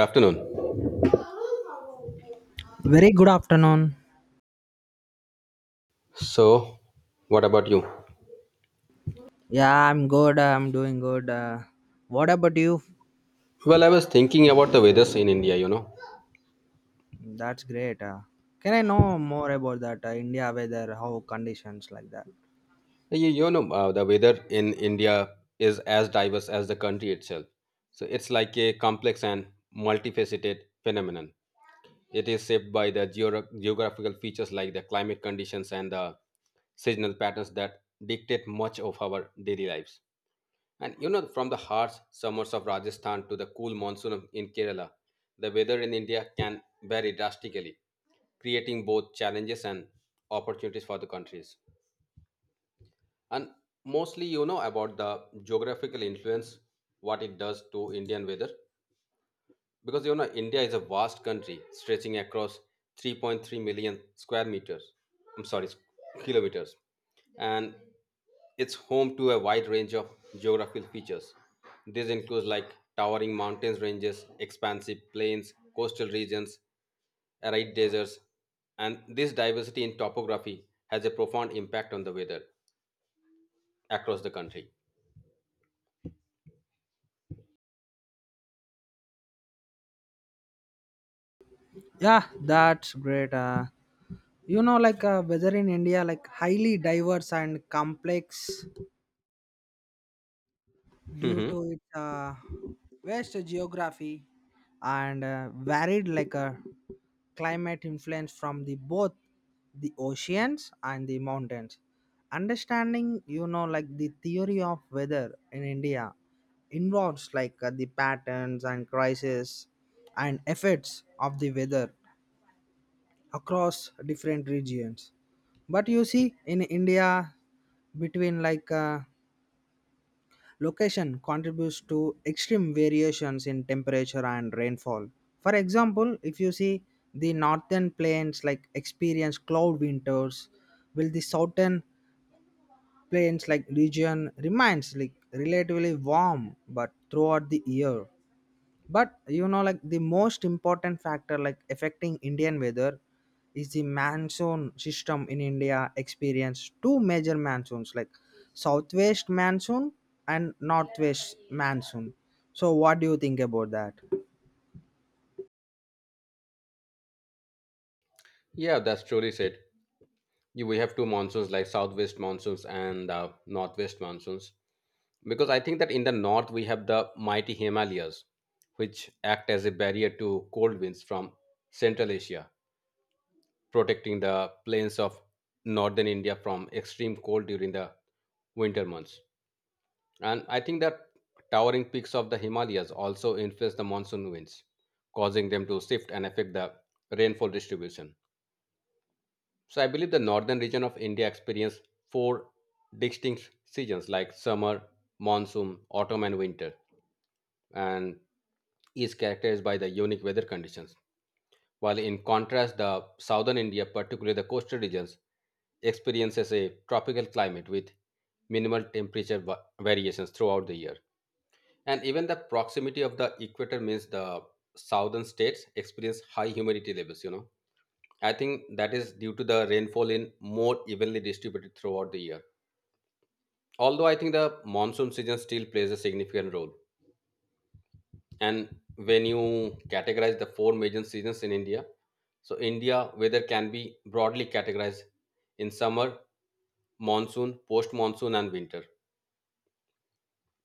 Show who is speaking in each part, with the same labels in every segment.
Speaker 1: Afternoon.
Speaker 2: Very good afternoon.
Speaker 1: So, what about you?
Speaker 2: Yeah, I'm good. I'm doing good. What about you?
Speaker 1: Well, I was thinking about the weathers in India.
Speaker 2: That's great. Can I know more about that India weather, how conditions like that?
Speaker 1: The weather in India is as diverse as the country itself. So, it's like a complex and multifaceted phenomenon. It is shaped by the geographical features like the climate conditions and the seasonal patterns that dictate much of our daily lives. And from the harsh summers of Rajasthan to the cool in Kerala, the weather in India can vary drastically, creating both challenges and opportunities for the countries. And mostly, you know about the geographical influence, what it does to Indian weather, because India is a vast country stretching across 3.3 million square meters. I'm sorry, kilometers, and it's home to a wide range of geographical features. These include like towering mountains ranges, expansive plains, coastal regions, arid deserts, and this diversity in topography has a profound impact on the weather across the country.
Speaker 2: Yeah, that's great. Like weather in India, like highly diverse and complex due
Speaker 1: Mhm.
Speaker 2: to its vast geography and varied like a climate influence from the both the oceans and the mountains. Understanding you know like the theory of weather in India involves like the patterns and crises and effects of the weather across different regions. But you see in India, between like location contributes to extreme variations in temperature and rainfall. For example, if you see the northern plains like experience cloud winters, will the southern plains like region remains like relatively warm but throughout the year. But you know like the most important factor like affecting Indian weather is the monsoon system. In India experience two major monsoons like southwest monsoon and northwest monsoon. So what do you think about that?
Speaker 1: Yeah, that's truly said. We have two monsoons like southwest monsoons and northwest monsoons, because I think that in the north we have the mighty Himalayas, which act as a barrier to cold winds from Central Asia, protecting the plains of northern India from extreme cold during the winter months. And I think that towering peaks of the Himalayas also influence the monsoon winds, causing them to shift and affect the rainfall distribution. So I believe the northern region of India experienced four distinct seasons like summer, monsoon, autumn, and winter, and is characterized by the unique weather conditions. While in contrast, the southern India, particularly the coastal regions, experiences a tropical climate with minimal temperature variations throughout the year. And even the proximity of the equator means the southern states experience high humidity levels. I think that is due to the rainfall in more evenly distributed throughout the year. Although I think the monsoon season still plays a significant role. And when you categorize the four major seasons in India, so India weather can be broadly categorized in summer, monsoon, post monsoon, and winter.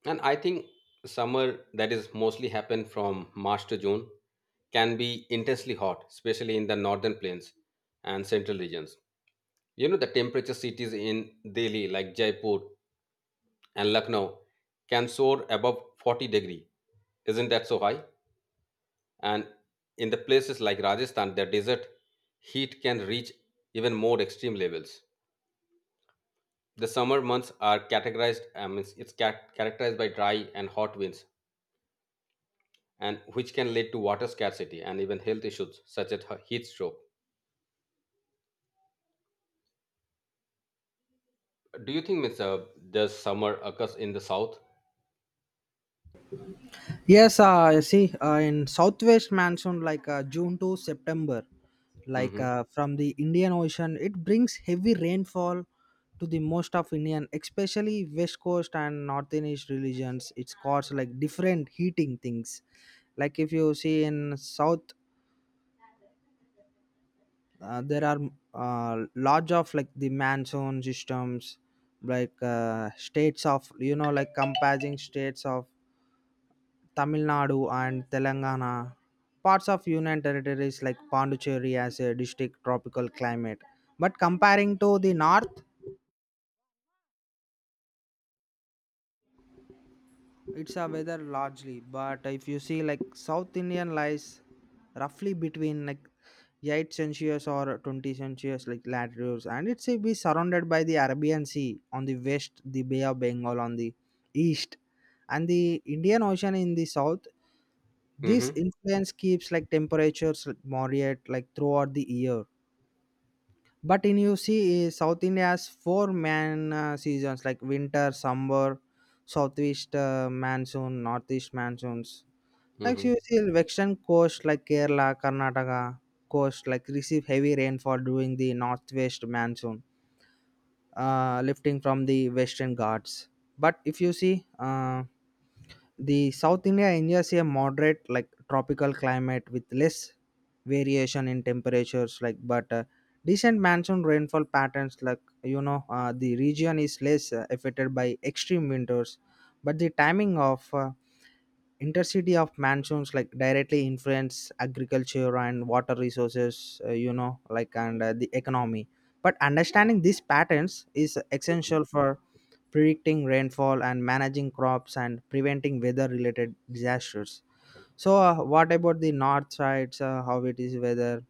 Speaker 1: And I think summer that is mostly happen from March to June can be intensely hot, especially in the northern plains and central regions. The temperature cities in Delhi, like Jaipur and Lucknow, can soar above 40 degree. Isn't that so high? And in the places like Rajasthan, the desert heat can reach even more extreme levels. The summer months are categorized, I mean, it's characterized by dry and hot winds, and which can lead to water scarcity and even health issues such as heat stroke. Do you think, Miss, does summer occurs in the south?
Speaker 2: Yes, you see, in Southwest Monsoon, like June to September, like
Speaker 1: Mm-hmm.
Speaker 2: from the Indian Ocean, it brings heavy rainfall to the most of Indian, especially West Coast and Northernish regions. It's caused like different heating things. Like if you see in South, there are large of like the monsoon systems, like states of you know like compassing states of Tamil Nadu and Telangana. Parts of Union territories like Pondicherry has a distinct tropical climate. But comparing to the north, it's a weather largely. But if you see like South Indian lies roughly between like 8 centuries or 20 centuries like latitudes, and it's be surrounded by the Arabian Sea on the west, the Bay of Bengal on the east, and the Indian Ocean in the south. This
Speaker 1: Mm-hmm.
Speaker 2: influence keeps like temperatures like moderate like throughout the year. But in you see eh, South India has four man seasons like winter, summer, southeast monsoon, northeast monsoons. Like so
Speaker 1: Mm-hmm.
Speaker 2: you see western coast like Kerala, Karnataka coast like receive heavy rainfall during the northwest monsoon, lifting from the Western Ghats. But if you see the South India enjoys a moderate, like tropical climate with less variation in temperatures, like but decent monsoon rainfall patterns. Like you know, the region is less affected by extreme winters, but the timing of intercity of monsoons like directly influence agriculture and water resources you know, like and the economy. But understanding these patterns is essential for predicting rainfall and managing crops and preventing weather related disasters. So what about the north sides, how it is weather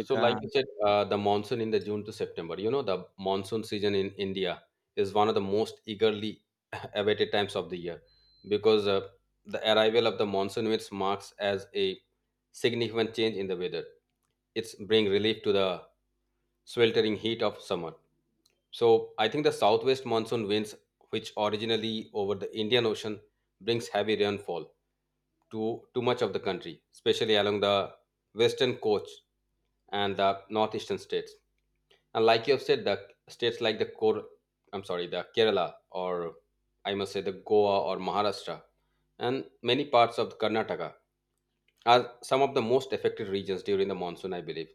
Speaker 1: So, like you said, the monsoon in the June to September. You know, the monsoon season in India is one of the most eagerly awaited times of the year, because the arrival of the monsoon which marks as a significant change in the weather. It's bring relief to the sweltering heat of summer. So I think the southwest monsoon winds, which originally over the Indian Ocean, brings heavy rainfall to much of the country, especially along the western coast and the northeastern states. And like you have said, the states like the Kor, I'm sorry, the Kerala, or I must say the Goa or Maharashtra and many parts of Karnataka are some of the most affected regions during the monsoon, I believe.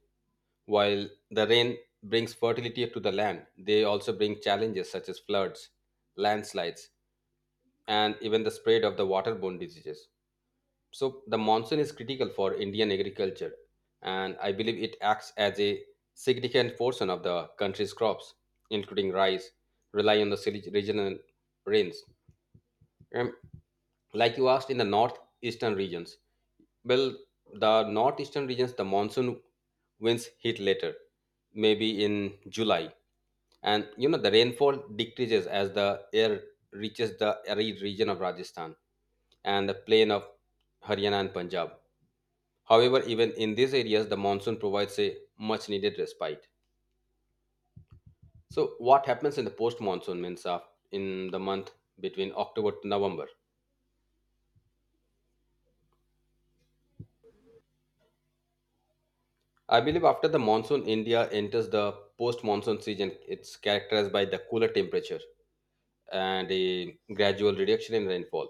Speaker 1: While the rain brings fertility to the land, they also bring challenges such as floods, landslides, and even the spread of the waterborne diseases. So, the monsoon is critical for Indian agriculture, and I believe it acts as a significant portion of the country's crops, including rice, rely on the regional rains. Um, like you asked, in the northeastern regions, well, the northeastern regions, the monsoon winds hit later, maybe in July, and the rainfall decreases as the air reaches the arid region of Rajasthan and the plain of Haryana and Punjab. However, even in these areas the monsoon provides a much needed respite. So what happens in the post monsoon means of in the month between October to November? I believe after the monsoon India enters the post monsoon season. It's characterized by the cooler temperature and a gradual reduction in rainfall,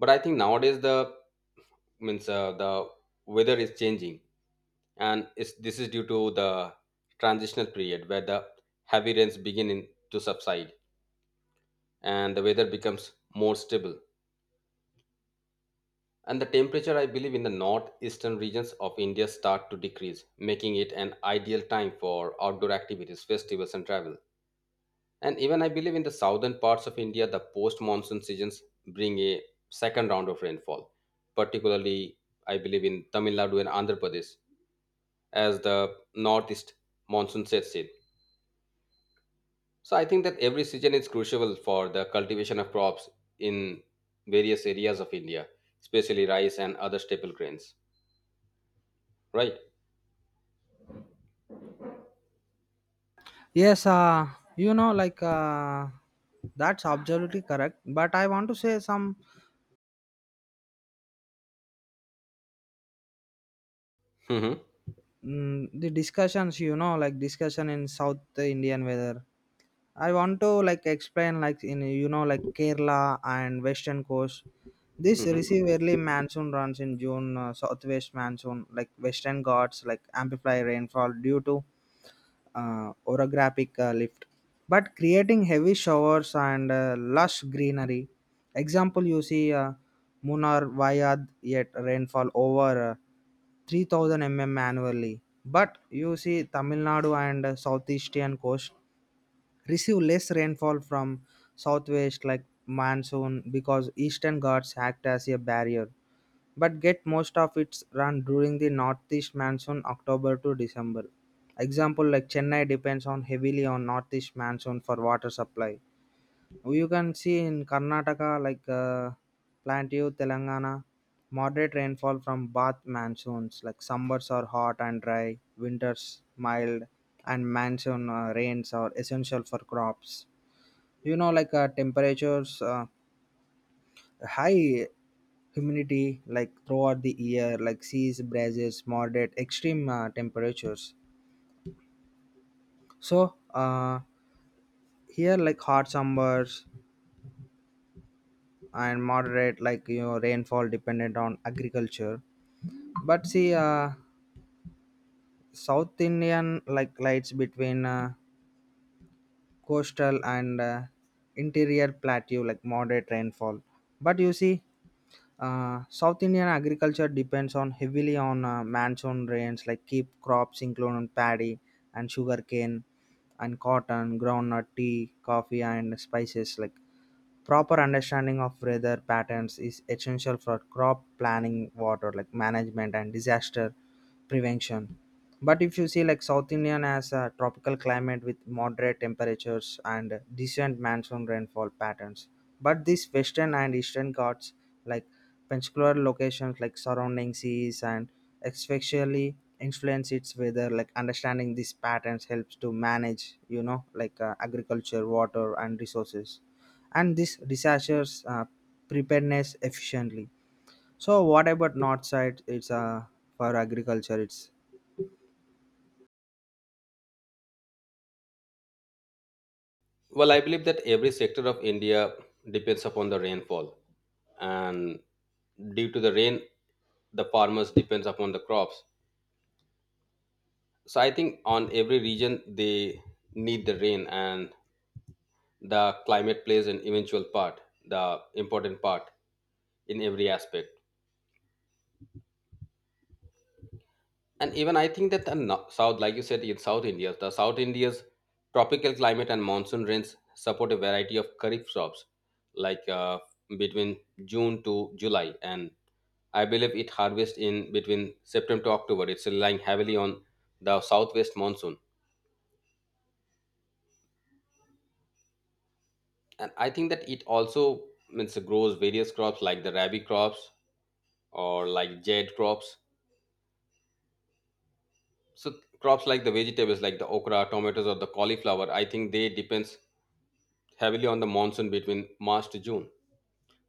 Speaker 1: but I think nowadays the means the weather is changing, and this is due to the transitional period where the heavy rains begin to subside and the weather becomes more stable, and the temperature, I believe, in the northeastern regions of India start to decrease, making it an ideal time for outdoor activities, festivals and travel. And even I believe in the southern parts of India the post monsoon seasons bring a second round of rainfall, particularly, I believe, in Tamil Nadu and Andhra Pradesh as the northeast monsoon sets in. So I think that every season is crucial for the cultivation of crops in various areas of India, especially rice and other staple grains. Right?
Speaker 2: yes you know like that's absolutely correct, but I want to say some
Speaker 1: Hmm.
Speaker 2: mm, the discussions you know like discussion in South Indian weather. I want to like explain like in you know like Kerala and western coast. This
Speaker 1: Hmm.
Speaker 2: receive early monsoon runs in June, southwest monsoon like Western Ghats like amplify rainfall due to orographic lift, but creating heavy showers and lush greenery. Example you see Munnar Wayad yet rainfall over 3,000 mm annually. But you see Tamil Nadu and southeastern coast receive less rainfall from southwest like monsoon because Eastern Ghats act as a barrier, but get most of its run during the northeast monsoon, October to December. Example, like Chennai depends on heavily on northeast monsoon for water supply. You can see in Karnataka, like Plateau, Telangana, moderate rainfall from Bath monsoons. Like summers are hot and dry, winters mild, and monsoon rains are essential for crops. You know, like temperatures high humidity like throughout the year, like seas breezes moderate extreme temperatures. So here like hot summers and moderate like you know rainfall dependent on agriculture. But see South Indian like lights between coastal and interior plateau like moderate rainfall. But you see South Indian agriculture depends on heavily on monsoon rains, like keep crops including paddy and sugarcane and cotton, groundnut, tea, coffee, and spices. Like proper understanding of weather patterns is essential for crop planning, water like management and disaster prevention. But if you see like South Indian has a tropical climate with moderate temperatures and decent monsoon rainfall patterns, but these western and eastern Ghats like peninsular locations like surrounding seas and especially influence its weather, like understanding these patterns helps to manage you know like agriculture water and resources and these disasters preparedness efficiently. So what about north side? It's for agriculture. It's
Speaker 1: Well, I believe that every sector of India depends upon the rainfall, and due to the rain, the farmers depends upon the crops. So I think on every region they need the rain, and the climate plays an eventual part, the important part, in every aspect, and even I think that the south, like you said, in south India the south India's tropical climate and monsoon rains support a variety of kharif crops like between June to July, and I believe it harvests in between September to October. It's relying heavily on the southwest monsoon, and I think that it also means grows various crops like the rabi crops or like jade crops. So crops like the vegetables like the okra, tomatoes, or the cauliflower, I think they depends heavily on the monsoon between March to June.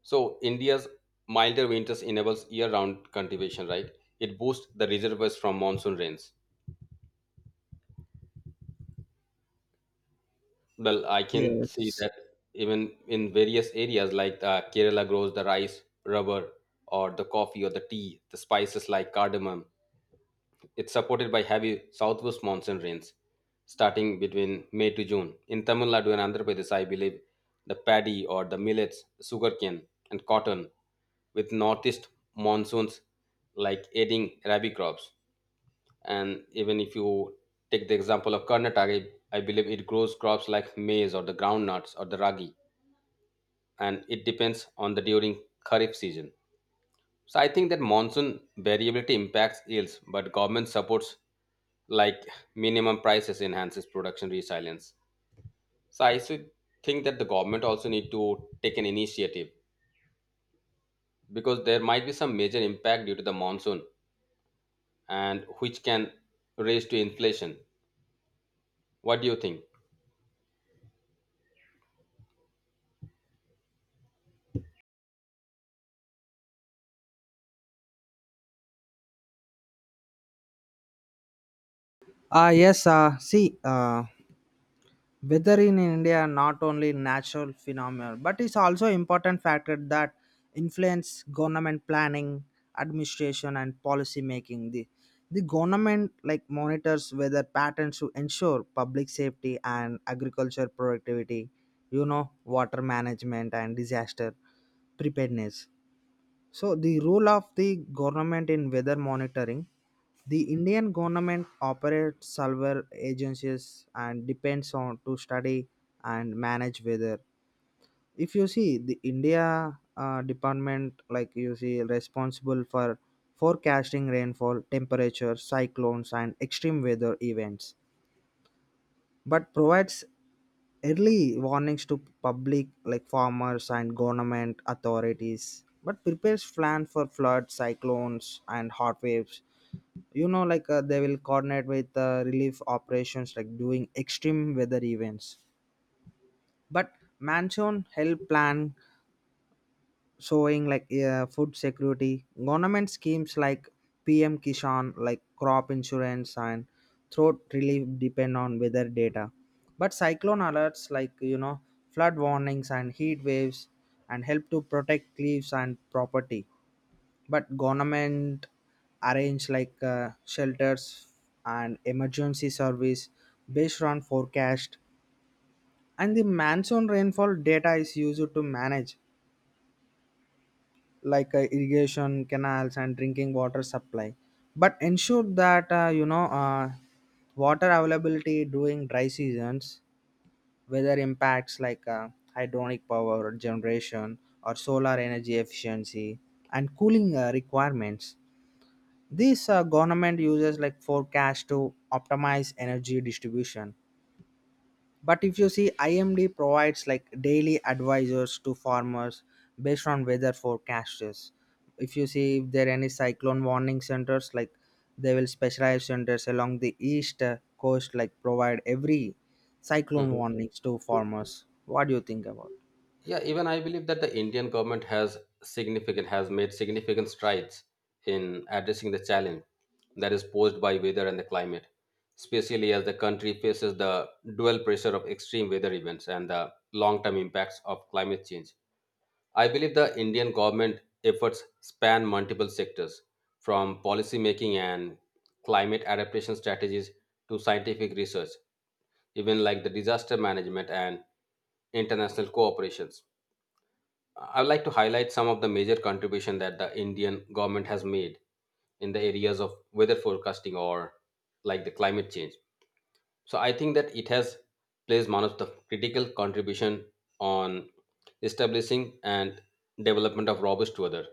Speaker 1: So India's milder winters enables year-round cultivation, right? It boosts the reservoirs from monsoon rains. Well, I can see
Speaker 2: yes.
Speaker 1: that even in various areas like Kerala grows the rice, rubber, or the coffee or the tea, the spices like cardamom. It's supported by heavy southwest monsoon rains starting between May to June. In Tamil Nadu and Andhra Pradesh, I believe the paddy or the millets, sugarcane, and cotton, with northeast monsoons like aiding rabi crops. And even if you take the example of Karnataka, I believe it grows crops like maize or the groundnuts or the ragi, and it depends on the during Kharif season. So I think that monsoon variability impacts yields, but government supports like minimum prices enhances production resilience. So I think that the government also need to take an initiative, because there might be some major impact due to the monsoon and which can raise to inflation. What do you think?
Speaker 2: Ah, yes. See, weather in India not only natural phenomenon, but it's also important factor that influence government planning, administration, and policy making. The government like monitors weather patterns to ensure public safety and agriculture productivity. You know, water management and disaster preparedness. So, the role of the government in weather monitoring: the Indian government operates several agencies and depends on to study and manage weather. If you see the India department, like you see, responsible for forecasting rainfall, temperature, cyclones, and extreme weather events, but provides early warnings to public like farmers and government authorities, but prepares plan for floods, cyclones, and hot waves. You know like they will coordinate with relief operations like during extreme weather events. But mansion help plan showing like food security government schemes like PM Kishan, like crop insurance and throat relief depend on weather data. But cyclone alerts, like you know, flood warnings and heat waves, and help to protect lives and property. But government arrange like shelters and emergency service based on forecast. And the monsoon rainfall data is used to manage like irrigation canals and drinking water supply, but ensure that you know water availability during dry seasons. Weather impacts like hydronic power generation or solar energy efficiency and cooling requirements. This government uses like forecast to optimize energy distribution. But if you see, IMD provides like daily advisors to farmers based on weather forecasts. If you see if there are any cyclone warning centers, like they will specialize centers along the east coast, like provide every cyclone
Speaker 1: Mhm.
Speaker 2: warnings to farmers. What do you think about?
Speaker 1: Yeah, even I believe that the Indian government has significant has made significant strides in addressing the challenge that is posed by weather and the climate, especially as the country faces the dual pressure of extreme weather events and the long-term impacts of climate change. I believe the Indian government efforts span multiple sectors, from policy making and climate adaptation strategies to scientific research, even like the disaster management and international cooperations. I'd like to highlight some of the major contribution that the Indian government has made in the areas of weather forecasting or like the climate change. So I think that it has plays one of the critical contribution on establishing and development of robust weather.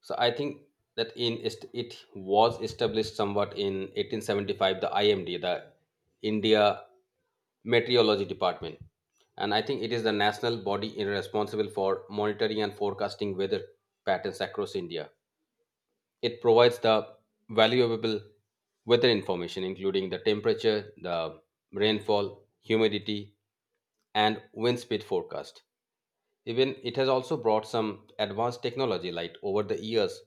Speaker 1: So I think that it was established somewhat in 1875, the IMD, the India Meteorology Department, and I think it is the national body responsible for monitoring and forecasting weather patterns across India. It provides the valuable weather information including the temperature, the rainfall, humidity and wind speed forecast. Even it has also brought some advanced technology, like over the years,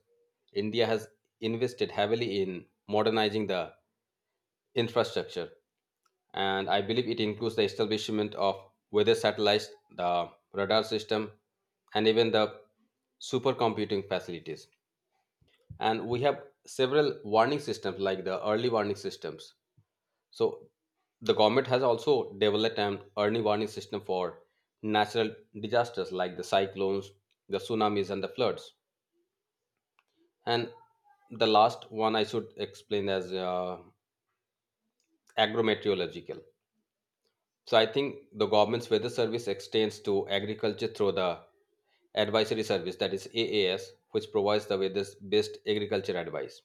Speaker 1: India has invested heavily in modernizing the infrastructure. And I believe it includes the establishment of weather satellites, the radar system, and even the supercomputing facilities. And we have several warning systems, like the early warning systems. So the government has also developed an early warning system for natural disasters like the cyclones, the tsunamis, and the floods. And the last one I should explain as agrometeorological. So I think the government's weather service extends to agriculture through the advisory service that is AAS, which provides the weather's best agriculture advice.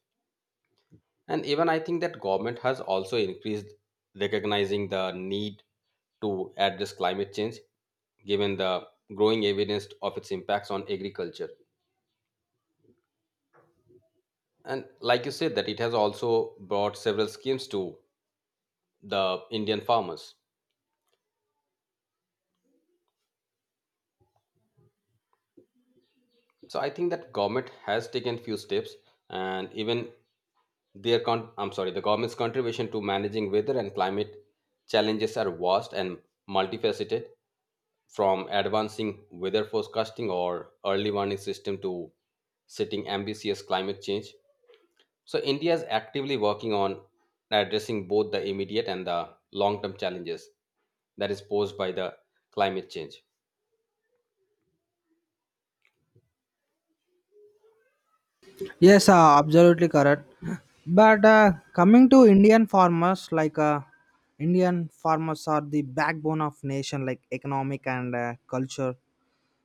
Speaker 1: And even I think that government has also increased recognizing the need to address climate change, given the growing evidence of its impacts on agriculture. And like you said, that it has also brought several schemes to the Indian farmers. So I think that government has taken few steps. And even the government's contribution to managing weather and climate challenges are vast and multifaceted, from advancing weather forecasting or early warning system to setting ambitious climate change. So India is actively working on addressing both the immediate and the long-term challenges that is posed by the climate change.
Speaker 2: Yes,
Speaker 1: So
Speaker 2: absolutely correct. But coming to Indian farmers, like Indian farmers are the backbone of nation, like economic and culture.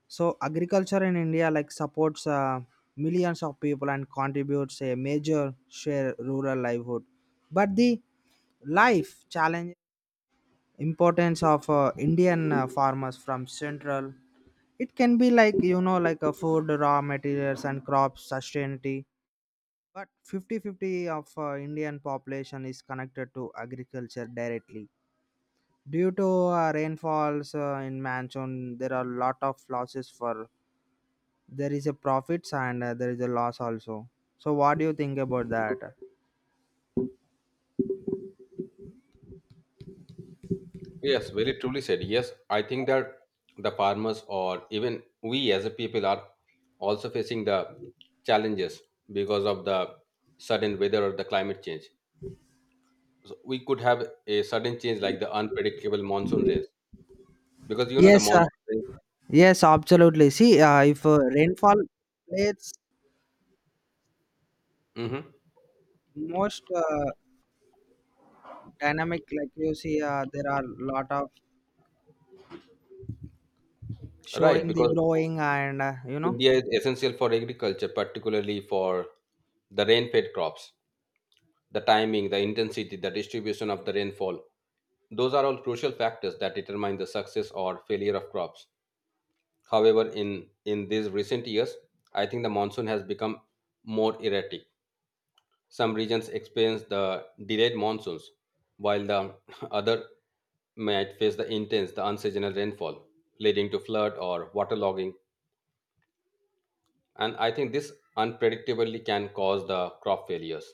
Speaker 2: So agriculture in India like supports millions of people and contributes a major share rural livelihood. But the life challenge, importance of Indian farmers from central, it can be like you know like a food raw materials and crop sustainability. But fifty fifty of Indian population is connected to agriculture directly due to rainfalls in monsoon there are a lot of losses for there is a profits, and there is a loss also. So what do you think about that?
Speaker 1: yes, very truly said. Yes, I think that the farmers or even we as a people are also facing the challenges because of the sudden weather or the climate change. So we could have a sudden change like the unpredictable monsoon rains, because you know the
Speaker 2: Yes,
Speaker 1: monsoon.
Speaker 2: yes, absolutely. See, if rainfall plays
Speaker 1: Mm-hmm.
Speaker 2: most dynamic, like you see, there are lot of
Speaker 1: Right,
Speaker 2: showing the
Speaker 1: because
Speaker 2: growing and you know.
Speaker 1: India is essential for agriculture, particularly for the rain fed crops. The timing, the intensity, the distribution of the rainfall, those are all crucial factors that determine the success or failure of crops. However, in these recent years, I think the monsoon has become more erratic. Some regions experience the delayed monsoons, while the other might face the intense, the unseasonal rainfall, leading to flood or waterlogging. And I think this unpredictably can cause the crop failures,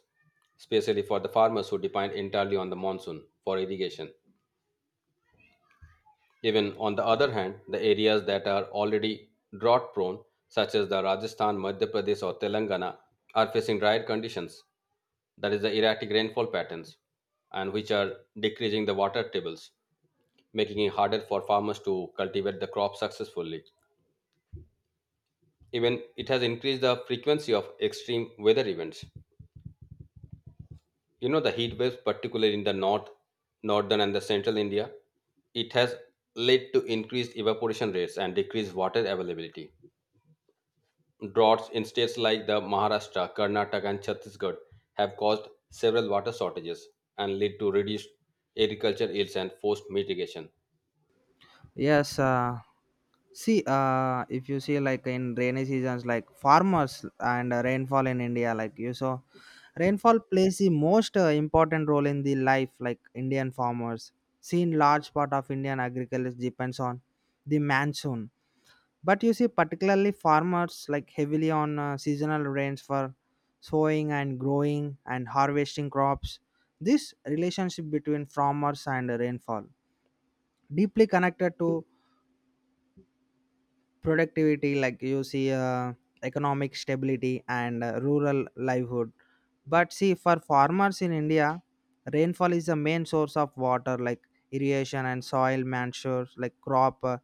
Speaker 1: especially for the farmers who depend entirely on the monsoon for irrigation. Even on the other hand, the areas that are already drought prone, such as the Rajasthan, Madhya Pradesh, or Telangana, are facing drier conditions, that is, the erratic rainfall patterns, and which are decreasing the water tables, making it harder for farmers to cultivate the crop successfully. Even it has increased the frequency of extreme weather events. You know, the heat waves, particularly in the north, northern, and the central India, it has led to increased evaporation rates and decreased water availability. Droughts in states like the Maharashtra, Karnataka, and Chhattisgarh have caused several water shortages and lead to reduced agriculture yields and forced mitigation.
Speaker 2: Yes. See, if you see like in rainy seasons, like farmers and rainfall in India, like you saw, rainfall plays the most important role in the life, like Indian farmers. Seen large part of Indian agriculture depends on the monsoon, but you see particularly farmers like heavily on seasonal rains for sowing and growing and harvesting crops. This relationship between farmers and rainfall deeply connected to productivity, like you see economic stability and rural livelihood. But see for farmers in India, rainfall is the main source of water, like irrigation and soil manures, like crop uh,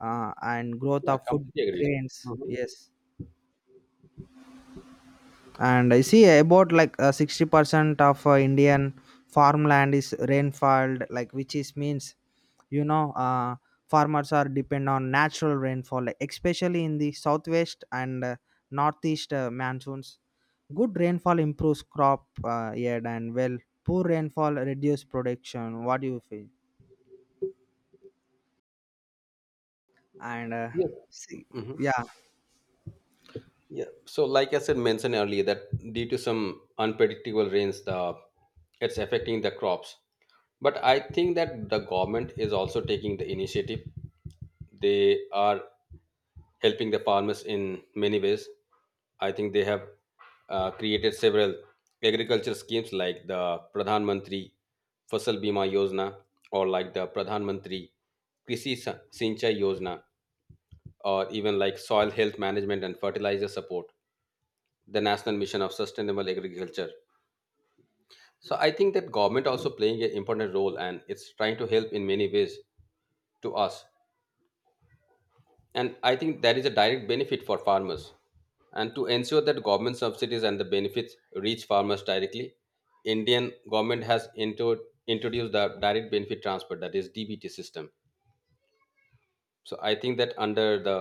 Speaker 2: uh, and growth
Speaker 1: Yeah,
Speaker 2: of food
Speaker 1: completely agreed.
Speaker 2: grains.
Speaker 1: Mhm.
Speaker 2: Yes. And I see about like 60% of Indian farmland is rainfall, like which is means you know farmers are depend on natural rainfall, like especially in the southwest and northeast monsoons. Good rainfall improves crop yield, and well, poor rainfall reduce production. What do you feel? And
Speaker 1: Yes.
Speaker 2: see,
Speaker 1: Hmm.
Speaker 2: yeah.
Speaker 1: Yeah, so, like I said, mentioned earlier, that due to some unpredictable rains, the it's affecting the crops. But I think that the government is also taking the initiative. They are helping the farmers in many ways. I think they have created several agriculture schemes like the Pradhan Mantri Fasal Bima Yojana, or like the Pradhan Mantri Krishi Sinchai Yojana, or even like soil health management and fertilizer support, the National Mission of Sustainable Agriculture. So I think that government also playing an important role, and it's trying to help in many ways to us. And I think that is a direct benefit for farmers. And to ensure that government subsidies and the benefits reach farmers directly, Indian government has introduced the Direct Benefit Transfer, that is DBT system. So I think that under the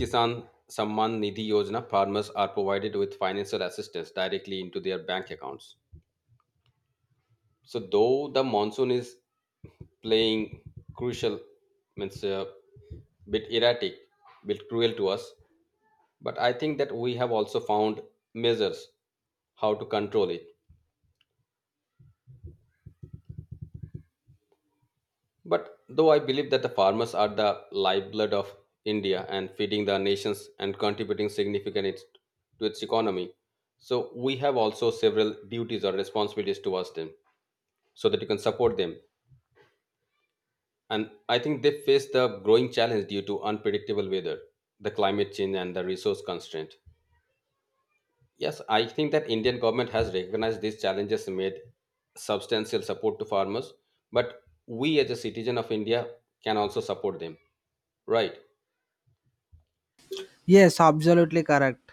Speaker 1: Kisan Samman Nidhi Yojana, farmers are provided with financial assistance directly into their bank accounts. So though the monsoon is playing crucial, means a bit erratic, bit cruel to us, but I think that we have also found measures how to control it. But though I believe that the farmers are the lifeblood of India and feeding the nations and contributing significantly to its economy, so we have also several duties or responsibilities towards them so that you can support them. And I think they face the growing challenge due to unpredictable weather, the climate change, and the resource constraint. Yes, I think that Indian government has recognized these challenges and made substantial support to farmers, but we as a citizen of India can also support them, right?
Speaker 2: Yes, absolutely correct.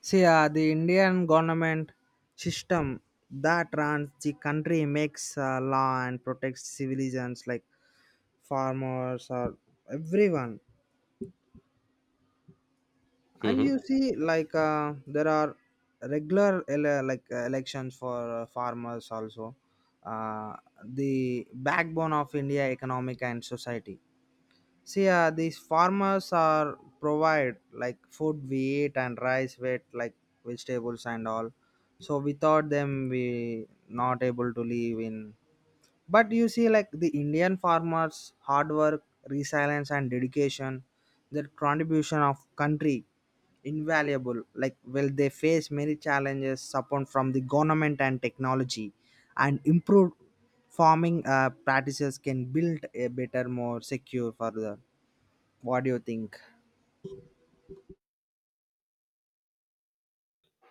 Speaker 2: See, the Indian government system that runs the country makes law and protects civilians like farmers or everyone. And
Speaker 1: Hmm.
Speaker 2: you see, like there are regular like elections for farmers also. Uh, the backbone of India economic and society. See, these farmers are provide like food we eat and rice we eat, like vegetables and all. So without them, we not able to live in. But you see, like the Indian farmers' hard work, resilience, and dedication, their contribution of country invaluable. Like well, they face many challenges, support from the government and technology, and improved farming practices can build a better, more secure further. What do you think?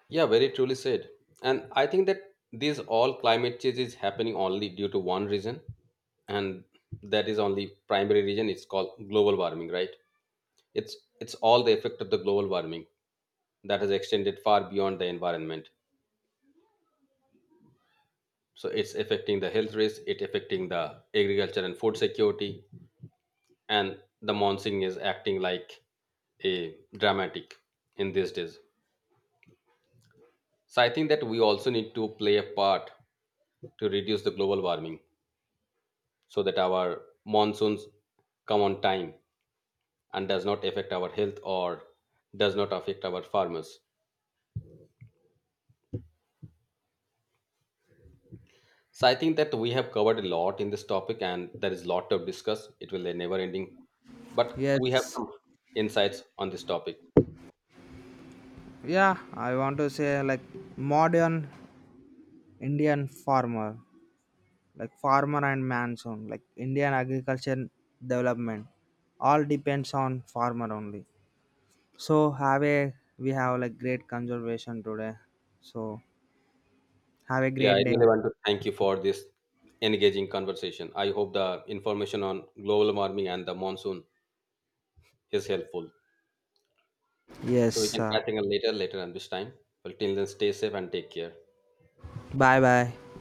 Speaker 1: Yeah, very truly said. And I think that these all climate change is happening only due to one reason, and that is only primary reason. It's called global warming, right? It's it's all the effect of the global warming that has extended far beyond the environment. So it's affecting the health risk, it affecting the agriculture and food security, and the monsoon is acting like a dramatic in these days. So I think that we also need to play a part to reduce the global warming so that our monsoons come on time and does not affect our health or does not affect our farmers. So I think that we have covered a lot in this topic and there is a lot to discuss. It will be never ending. But we have
Speaker 2: Yes.
Speaker 1: some insights on this topic.
Speaker 2: Yeah, I want to say like modern Indian farmer, like farmer and man song, like Indian agriculture development, all depends on farmer only. So have a we have like great conservation today. So have a
Speaker 1: Yeah, I
Speaker 2: great day.
Speaker 1: really want to thank you for this engaging conversation. I hope the information on global warming and the monsoon is helpful. So we
Speaker 2: Yes.
Speaker 1: can catch up later, later on this time. Well, till then, stay safe and take care.
Speaker 2: Bye bye.